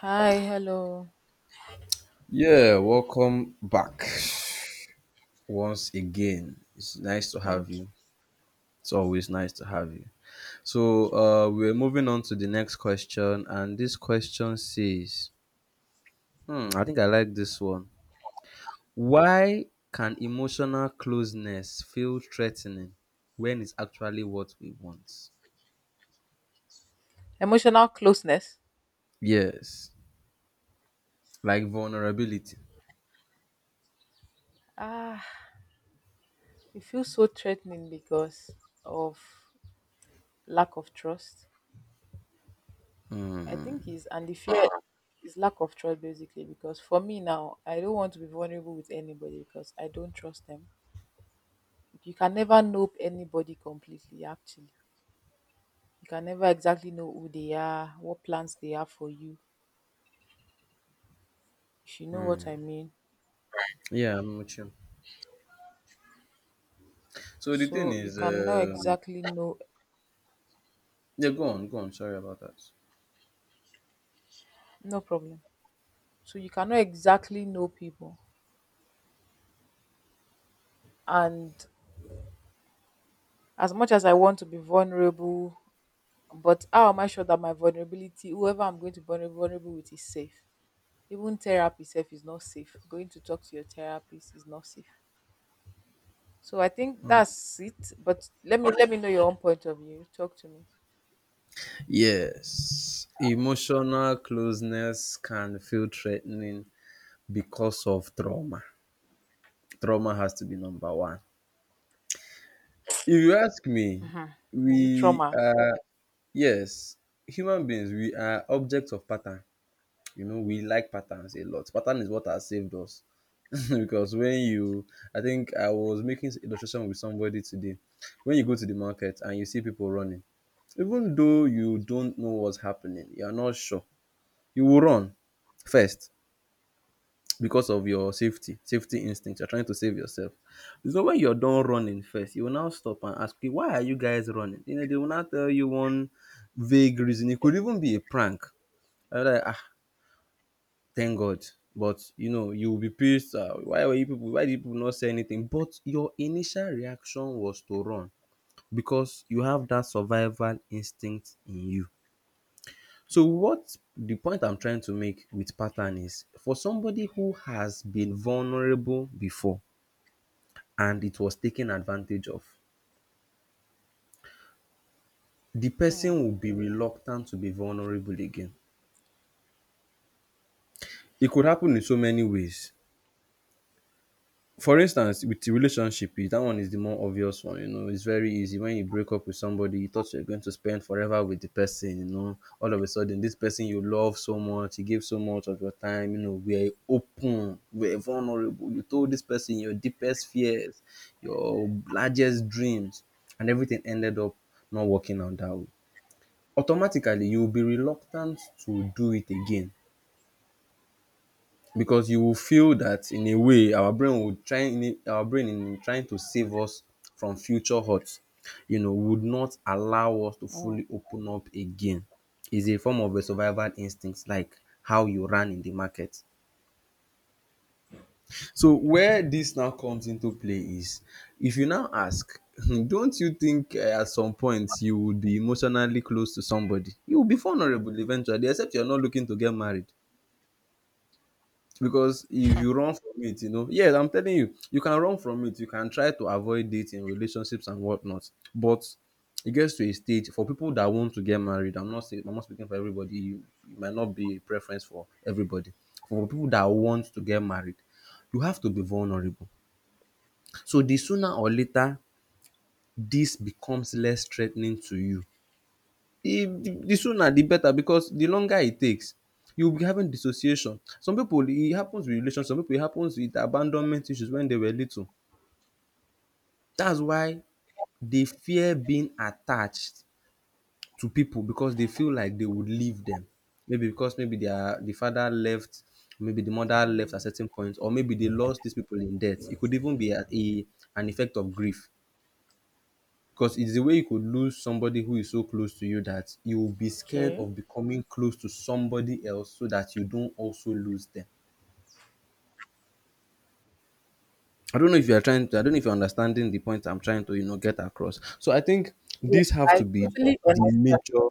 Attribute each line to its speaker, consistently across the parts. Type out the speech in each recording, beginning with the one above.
Speaker 1: Hi, hello.
Speaker 2: Yeah, welcome back once again. It's nice to have
Speaker 1: Thank you.
Speaker 2: you. It's always nice to have you. So, we're moving on to the next question, and this question says, hmm, I think I like this one. Why can emotional closeness feel threatening when it's actually what we want?
Speaker 1: Emotional closeness.
Speaker 2: Yes, like vulnerability.
Speaker 1: Ah, it feels so threatening because of lack of trust. I think is and the fear is lack of trust basically because for me now, I don't want to be vulnerable with anybody because I don't trust them. You can never know anybody completely actually. You can never exactly know who they are, what plans they have for you, if you know what I mean.
Speaker 2: Yeah, I'm with you. So the thing
Speaker 1: So you
Speaker 2: is,
Speaker 1: cannot
Speaker 2: um,
Speaker 1: exactly know
Speaker 2: yeah, go on, go on. Sorry about that.
Speaker 1: no problem. So you cannot exactly know people and as much as I want to be vulnerable but how am I sure that my vulnerability whoever I'm going to be vulnerable with is safe, even therapy self is not safe, going to talk to your therapist is not safe. So I think that's it, but let me know your own point of view, talk to me.
Speaker 2: Yes, emotional closeness can feel threatening because of trauma. Trauma has to be number one. If you ask me,
Speaker 1: Is it
Speaker 2: we
Speaker 1: trauma?
Speaker 2: are, yes, human beings, we are objects of pattern. You know, we like patterns a lot. Pattern is what has saved us. Because when you, I think I was making illustration with somebody today. When you go to the market and you see people running, even though you don't know what's happening, you are not sure, you will run first because of your safety instinct. You're trying to save yourself. So when you're done running first, you will now stop and ask, "Okay, why are you guys running? You know, they will now tell you one vague reason. It could even be a prank. I was like, ah, thank God. But you know, you will be pissed. Ah, why were you people, why did people not say anything? But your initial reaction was to run because you have that survival instinct in you. So what the point I'm trying to make with pattern is, for somebody who has been vulnerable before and it was taken advantage of, the person will be reluctant to be vulnerable again. It could happen in so many ways. For instance, with the relationship, eh, that one is the more obvious one, you know, it's very easy. When you break up with somebody, you thought you're going to spend forever with the person, you know. All of a sudden, this person you love so much, you gave so much of your time, you know, we're open, we're vulnerable. You told this person your deepest fears, your largest dreams, and everything ended up not working out that way. Automatically, you will be reluctant to do it again, because you will feel that, in a way, our brain would our brain, in trying to save us from future hurts, you know, would not allow us to
Speaker 1: Oh.
Speaker 2: fully open up again. Is a form of a survival instinct, like how you ran in the market. So where this now comes into play is, if you now ask, don't you think, at some point you would be emotionally close to somebody. You will be vulnerable eventually, except you're not looking to get married. Because if you run from it, you know, yes, I'm telling you, you can run from it. You can try to avoid dating, relationships and whatnot, but it gets to a stage. For people that want to get married, I'm not speaking for everybody. You, it might not be a preference for everybody. For people that want to get married, you have to be vulnerable. So the sooner or later this becomes less threatening to you. If the sooner the better, because the longer it takes, you'll be having dissociation. Some people, it happens with relationship. Some people, it happens with abandonment issues when they were little. That's why they fear being attached to people, because they feel like they would leave them. Maybe because, maybe the father left, maybe the mother left at
Speaker 1: Mm,
Speaker 2: certain point, or maybe they lost these people in debt. It could even be a an effect of grief. Because it's the way you could lose somebody who is so close to you, that you will be scared
Speaker 1: okay.
Speaker 2: of becoming close to somebody else, so that you don't also lose them. I don't know if you are trying to, I don't know if you're understanding the point I'm trying to, you know, get across. So I think
Speaker 1: Yes,
Speaker 2: these have to
Speaker 1: I
Speaker 2: be
Speaker 1: totally
Speaker 2: the
Speaker 1: understand.
Speaker 2: major,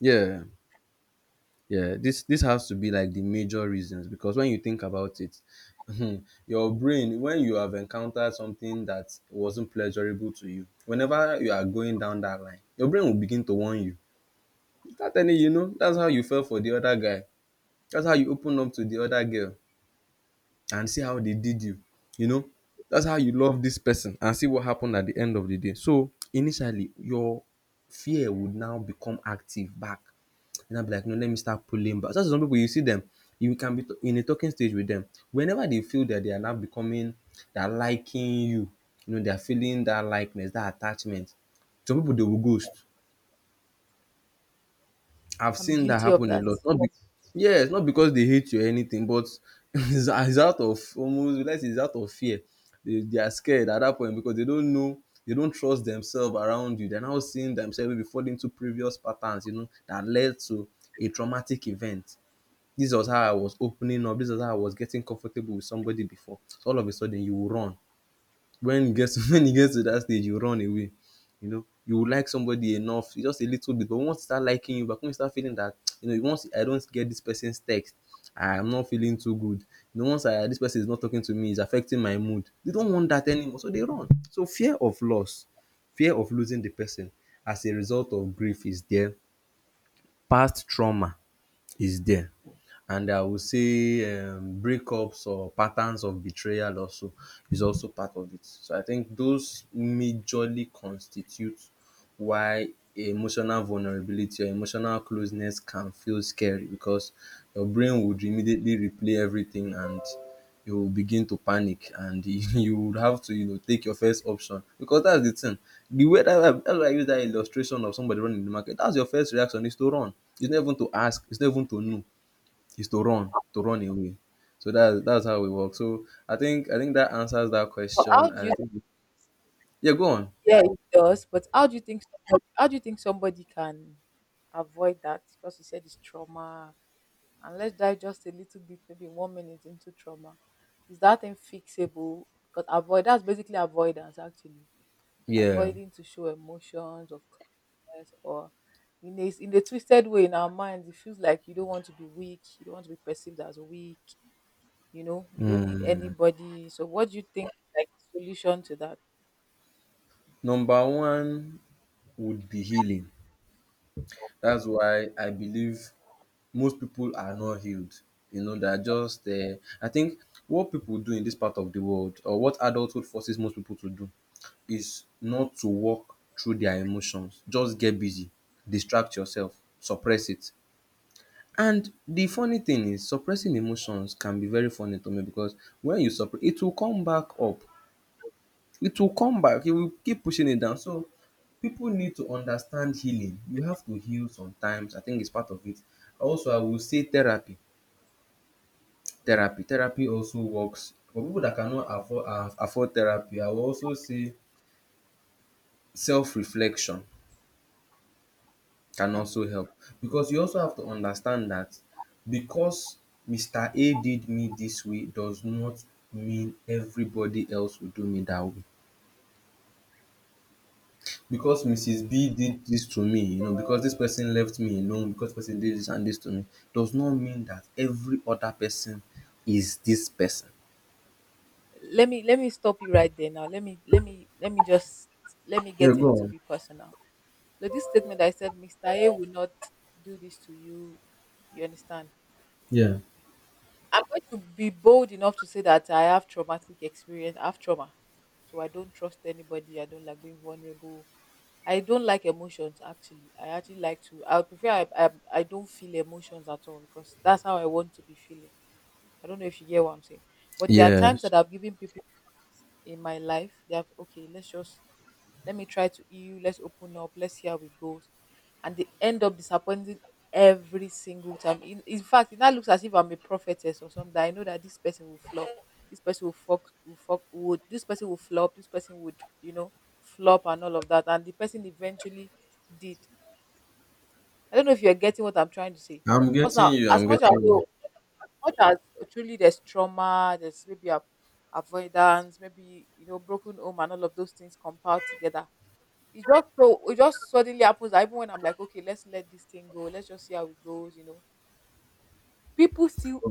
Speaker 2: yeah, yeah. This has to be like the major reasons, because when you think about it, hmm, your brain, when you have encountered something that wasn't pleasurable to you, whenever you are going down that line, your brain will begin to warn you. That any, you know, that's how you fell for the other guy. That's how you open up to the other girl and see how they did you. You know, that's how you love this person and see what happened at the end of the day. So initially, your fear would now become active back. And I'll be like, no, let me start pulling back. So that's some people. You see them, you can be in a talking stage with them. Whenever they feel that they are now becoming, they're liking you, you know, they're feeling that likeness, that attachment, some people they will ghost. I've
Speaker 1: I'm
Speaker 2: seen that
Speaker 1: guilty of
Speaker 2: happen a
Speaker 1: that.
Speaker 2: lot. Not be, Yes, not because they hate you or anything, but it's out of almost, let's say it's out of fear. They are scared at that point because they don't know, they don't trust themselves around you. They're now seeing themselves maybe falling into previous patterns, you know, that led to a traumatic event. This was how I was opening up. This was how I was getting comfortable with somebody before. So all of a sudden, you will run. When you get to When you get to that stage, you run away. You know, you will like somebody enough, just a little bit, but once they start liking you back, when you start feeling that, you know, once I don't get this person's text, I'm not feeling too good, you know, once I, this person is not talking to me, it's affecting my mood, they don't want that anymore, so they run. So fear of loss, fear of losing the person as a result of grief is there, past trauma is there, and I would say breakups or patterns of betrayal also is also part of it. So I think those majorly constitute why emotional vulnerability or emotional closeness can feel scary, because your brain would immediately replay everything and you will begin to panic, and you would have to, you know, take your first option, because that's the thing. The way that that's why I use that illustration of somebody running in the market. That's your first reaction, is to run. It's not even to ask, it's not even to know, is to run, to run away. So that's how we work. So I think that answers that
Speaker 1: But
Speaker 2: question,
Speaker 1: how do
Speaker 2: and I
Speaker 1: you?
Speaker 2: think, yeah, go on.
Speaker 1: Yeah, it does, but how do you think, how do you think somebody can avoid that? Because you said it's trauma, and let's dive just a little bit, maybe one minute into trauma. Is that thing fixable? Because avoid, that's basically avoidance actually.
Speaker 2: Yeah.
Speaker 1: Avoiding to show emotions or weakness or in a twisted way in our minds, it feels like you don't want to be weak, you don't want to be perceived as weak, you know, you don't need
Speaker 2: Hmm.
Speaker 1: anybody. So what do you think is like the solution to that?
Speaker 2: Number one would be healing. That's why I believe most people are not healed. You know, they're just I think what people do in this part of the world, or what adulthood forces most people to do, is not to walk through their emotions, just get busy, distract yourself, suppress it. And the funny thing is, suppressing emotions can be very funny to me, because when you suppre it will come back up. It will come back. You will keep pushing it down. So people need to understand healing. You have to heal sometimes. I think it's part of it. Also, I will say therapy. Therapy. Therapy also works. For people that cannot afford therapy, I will also say self reflection. Can
Speaker 1: Hmm.
Speaker 2: also help, because you also have to understand that, because Mr. A did me this way does not mean everybody else will do me that way. Because Mrs. B did this to me, you know, because this person left me alone, because person did this and this to me, does not mean that every other person is this person.
Speaker 1: Let me stop you right there now. Let me just let me
Speaker 2: Yeah,
Speaker 1: get a
Speaker 2: go
Speaker 1: little
Speaker 2: on.
Speaker 1: bit personal. No, this statement that I said, Mr. A will not do this to you. You understand?
Speaker 2: Yeah.
Speaker 1: I'm going to be bold enough to say that I have traumatic experience. I have trauma. So I don't trust anybody. I don't like being vulnerable. I don't like emotions actually. I actually like to, I would prefer, I don't feel emotions at all because that's how I want to be feeling. I don't know if you get what I'm saying. But there are times
Speaker 2: Yes.
Speaker 1: that I've given people in my life. They have, okay, let's just let me try to you, let's open up, let's see how it goes, and they end up disappointing every single time. In fact it now looks as if I'm a prophetess or something. I know that this person will flop, this person will fuck, will fuck would, this person will flop, this person would, you know, flop and all of that, and the person eventually did. I don't know if you're getting what I'm trying to say.
Speaker 2: I'm
Speaker 1: Because
Speaker 2: getting
Speaker 1: now
Speaker 2: you. I'm
Speaker 1: as much as
Speaker 2: getting
Speaker 1: much as truly there's trauma, there's maybe a avoidance, maybe, you know, broken home and all of those things compiled together, it just so it just suddenly happens that even when I'm like, okay, let's let this thing go, let's just see how it goes, you know. People still,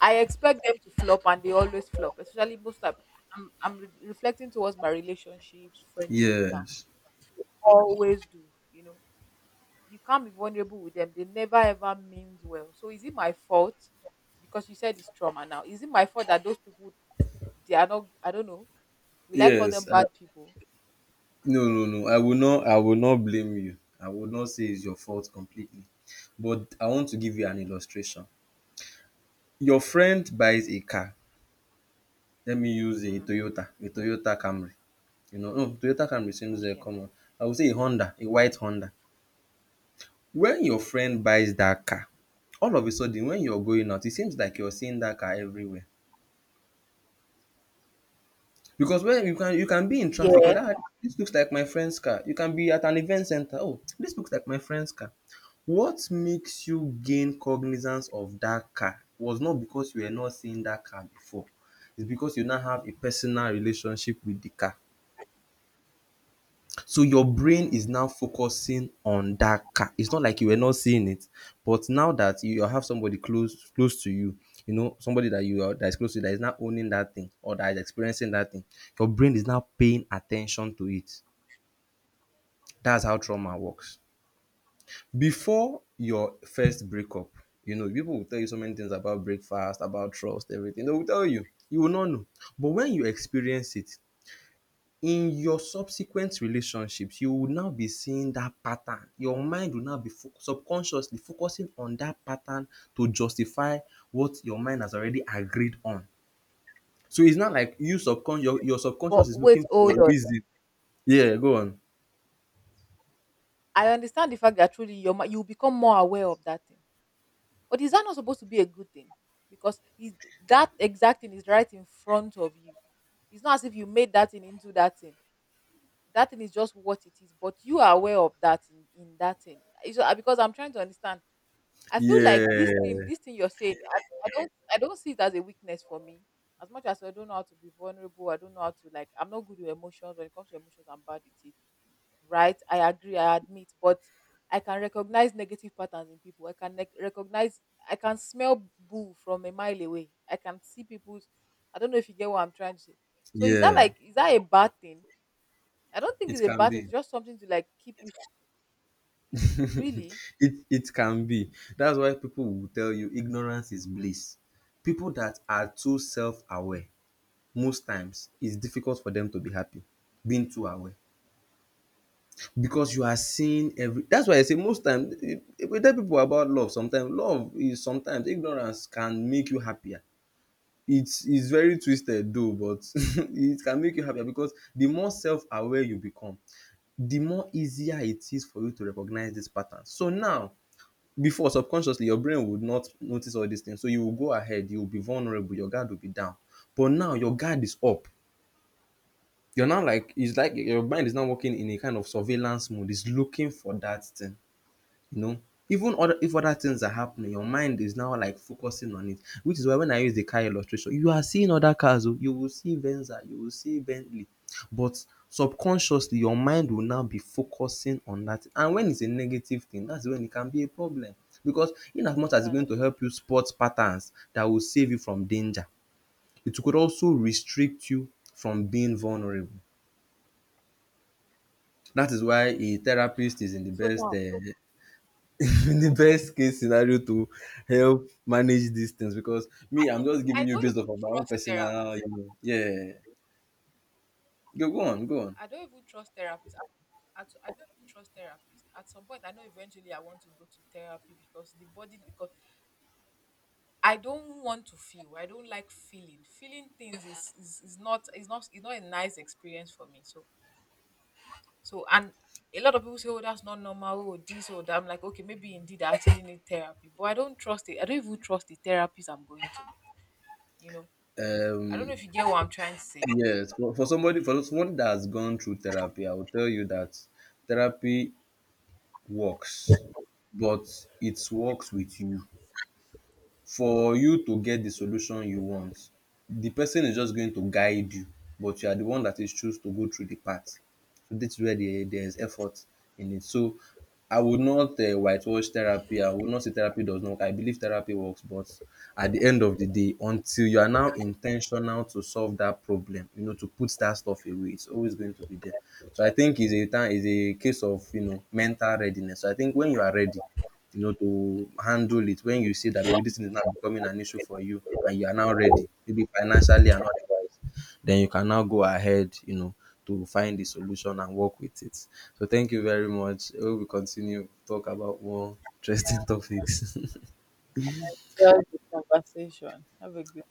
Speaker 1: I expect them to flop and they always flop, especially most time. I'm reflecting towards my relationships, friendship
Speaker 2: you.
Speaker 1: now.
Speaker 2: Yes.
Speaker 1: Always do, you know. You can't be vulnerable with them. They never ever means well. So is it my fault? Because you said it's trauma now. Is it my fault that those people they are not, I don't know. Will I call them
Speaker 2: Yes.
Speaker 1: bad people?
Speaker 2: No, no, no. I will not blame you. I would not say it's your fault completely. But I want to give you an illustration. Your friend buys a car. Let me use
Speaker 1: Mm-hmm.
Speaker 2: A Toyota Camry. You know, no, Toyota Camry seems
Speaker 1: Okay.
Speaker 2: common. I would say a Honda, a white Honda. When your friend buys that car, all of a sudden when you're going out, it seems like you're seeing that car everywhere. Because when you can be in traffic, you're
Speaker 1: Yeah.
Speaker 2: like, "Ah, this looks like my friend's car." You can be at an event center. "Oh, this looks like my friend's car." What makes you gain cognizance of that car was not because you were not seeing that car before. It's because you now have a personal relationship with the car. So your brain is
Speaker 1: Mm.
Speaker 2: now focusing on that car. It's not like you were not seeing it, but now that you have somebody close to you, you know, somebody that you are that is close to you that is now owning that thing or that is experiencing that thing, your brain is now paying attention to it. That's how trauma works. Before your first breakup, you know, people will tell you so many things about breakfast, about trust, everything. They will tell you. You will not know. But when you experience it, in your subsequent relationships, you will now be seeing that pattern. Your mind will now be subconsciously focusing on that pattern to justify what your mind has already agreed on. So it's not like you subconscious, your subconscious
Speaker 1: But
Speaker 2: is looking
Speaker 1: wait,
Speaker 2: for
Speaker 1: hold
Speaker 2: a
Speaker 1: on.
Speaker 2: reason. Yeah, go on.
Speaker 1: I understand the fact that truly your you become more aware of that thing. But is that not supposed to be a good thing? Because is that exact thing is right in front of you. It's not as if you made that thing into that thing. That thing is just what it is, but you are aware of that in that thing. It's, because I'm trying to understand. I feel like
Speaker 2: Yeah,
Speaker 1: this thing you're saying, I, I don't see it as a weakness for me. As much as I don't know how to be vulnerable, I don't know how to, like, I'm not good with emotions. When it comes to emotions, I'm bad with it, right? I agree, I admit, but I can recognize negative patterns in people. I can recognize, I can smell boo from a mile away. I can see people's, I don't know if you get what I'm trying to say. So is that
Speaker 2: yeah,
Speaker 1: like, is that a bad thing? I don't think
Speaker 2: it
Speaker 1: it's a
Speaker 2: can
Speaker 1: bad thing.
Speaker 2: be.
Speaker 1: It's just something to like keep it, it's really
Speaker 2: It can be. That's why people will tell you ignorance is bliss. People that are too self-aware most times it's difficult for them to be happy, being too aware because you are seeing every, that's why I say most time, we tell people about love, sometimes love is, sometimes ignorance can make you happier. It's very twisted though, but it can make you happier, because the more self-aware you become, the more easier it is for you to recognize this pattern. So now, before, subconsciously your brain would not notice all these things, so you will go ahead, you will be vulnerable, your guard will be down, but now your guard is up. You're now like, it's like your mind is now working in a kind of surveillance mode. It's looking for that thing, you know, even other, if other things are happening, your mind is now like focusing on it, which is why when I use the car illustration, you are seeing other cars. Oh, you will see Venza, you will see Bentley, but subconsciously your mind will now be focusing on that. And when it's a negative thing, that's when it can be a problem, because in as much as it's
Speaker 1: that.
Speaker 2: going to help you spot patterns that will save you from danger, it could also restrict you from being vulnerable. That is why a therapist is in the
Speaker 1: So
Speaker 2: best
Speaker 1: now,
Speaker 2: in the best case scenario to help manage these things, because me, I'm just
Speaker 1: I
Speaker 2: giving you
Speaker 1: don't
Speaker 2: based
Speaker 1: even
Speaker 2: off of my own
Speaker 1: trust
Speaker 2: personal,
Speaker 1: therapists.
Speaker 2: you know, yeah. Go, go on, go on.
Speaker 1: I don't even trust therapists. I don't even trust therapists. At some point, I know eventually I want to go to therapy because the body, because I don't want to feel. I don't like feeling. Feeling things is is not is not a nice experience for me. So so and a lot of people say, oh, that's not normal, oh, this or that. I'm like, okay, maybe indeed I actually need therapy. But I don't trust it. I don't even trust the therapist I'm going to, you know. I don't know if you get what I'm trying to say.
Speaker 2: Yes, for someone that has gone through therapy, I will tell you that therapy works, but it works with you. For you to get the solution you want, the person is just going to guide you, but you are the one that is choose to go through the path. So that's where there is effort in it. So I would not whitewash therapy. I would not say therapy does not work. I believe therapy works, but at the end of the day, until you are now intentional to solve that problem, you know, to put that stuff away, it's always going to be there. So I think it's a time, it's a case of, you know, mental readiness. So I think when you are ready, you know, to handle it, when you see that maybe this thing is now becoming an issue for you and you are now ready, maybe financially and otherwise, then you can now go ahead, you know, to find the solution and work with it. So thank you very much. We will continue talk about more interesting topics.
Speaker 1: Just the conversation. Have a good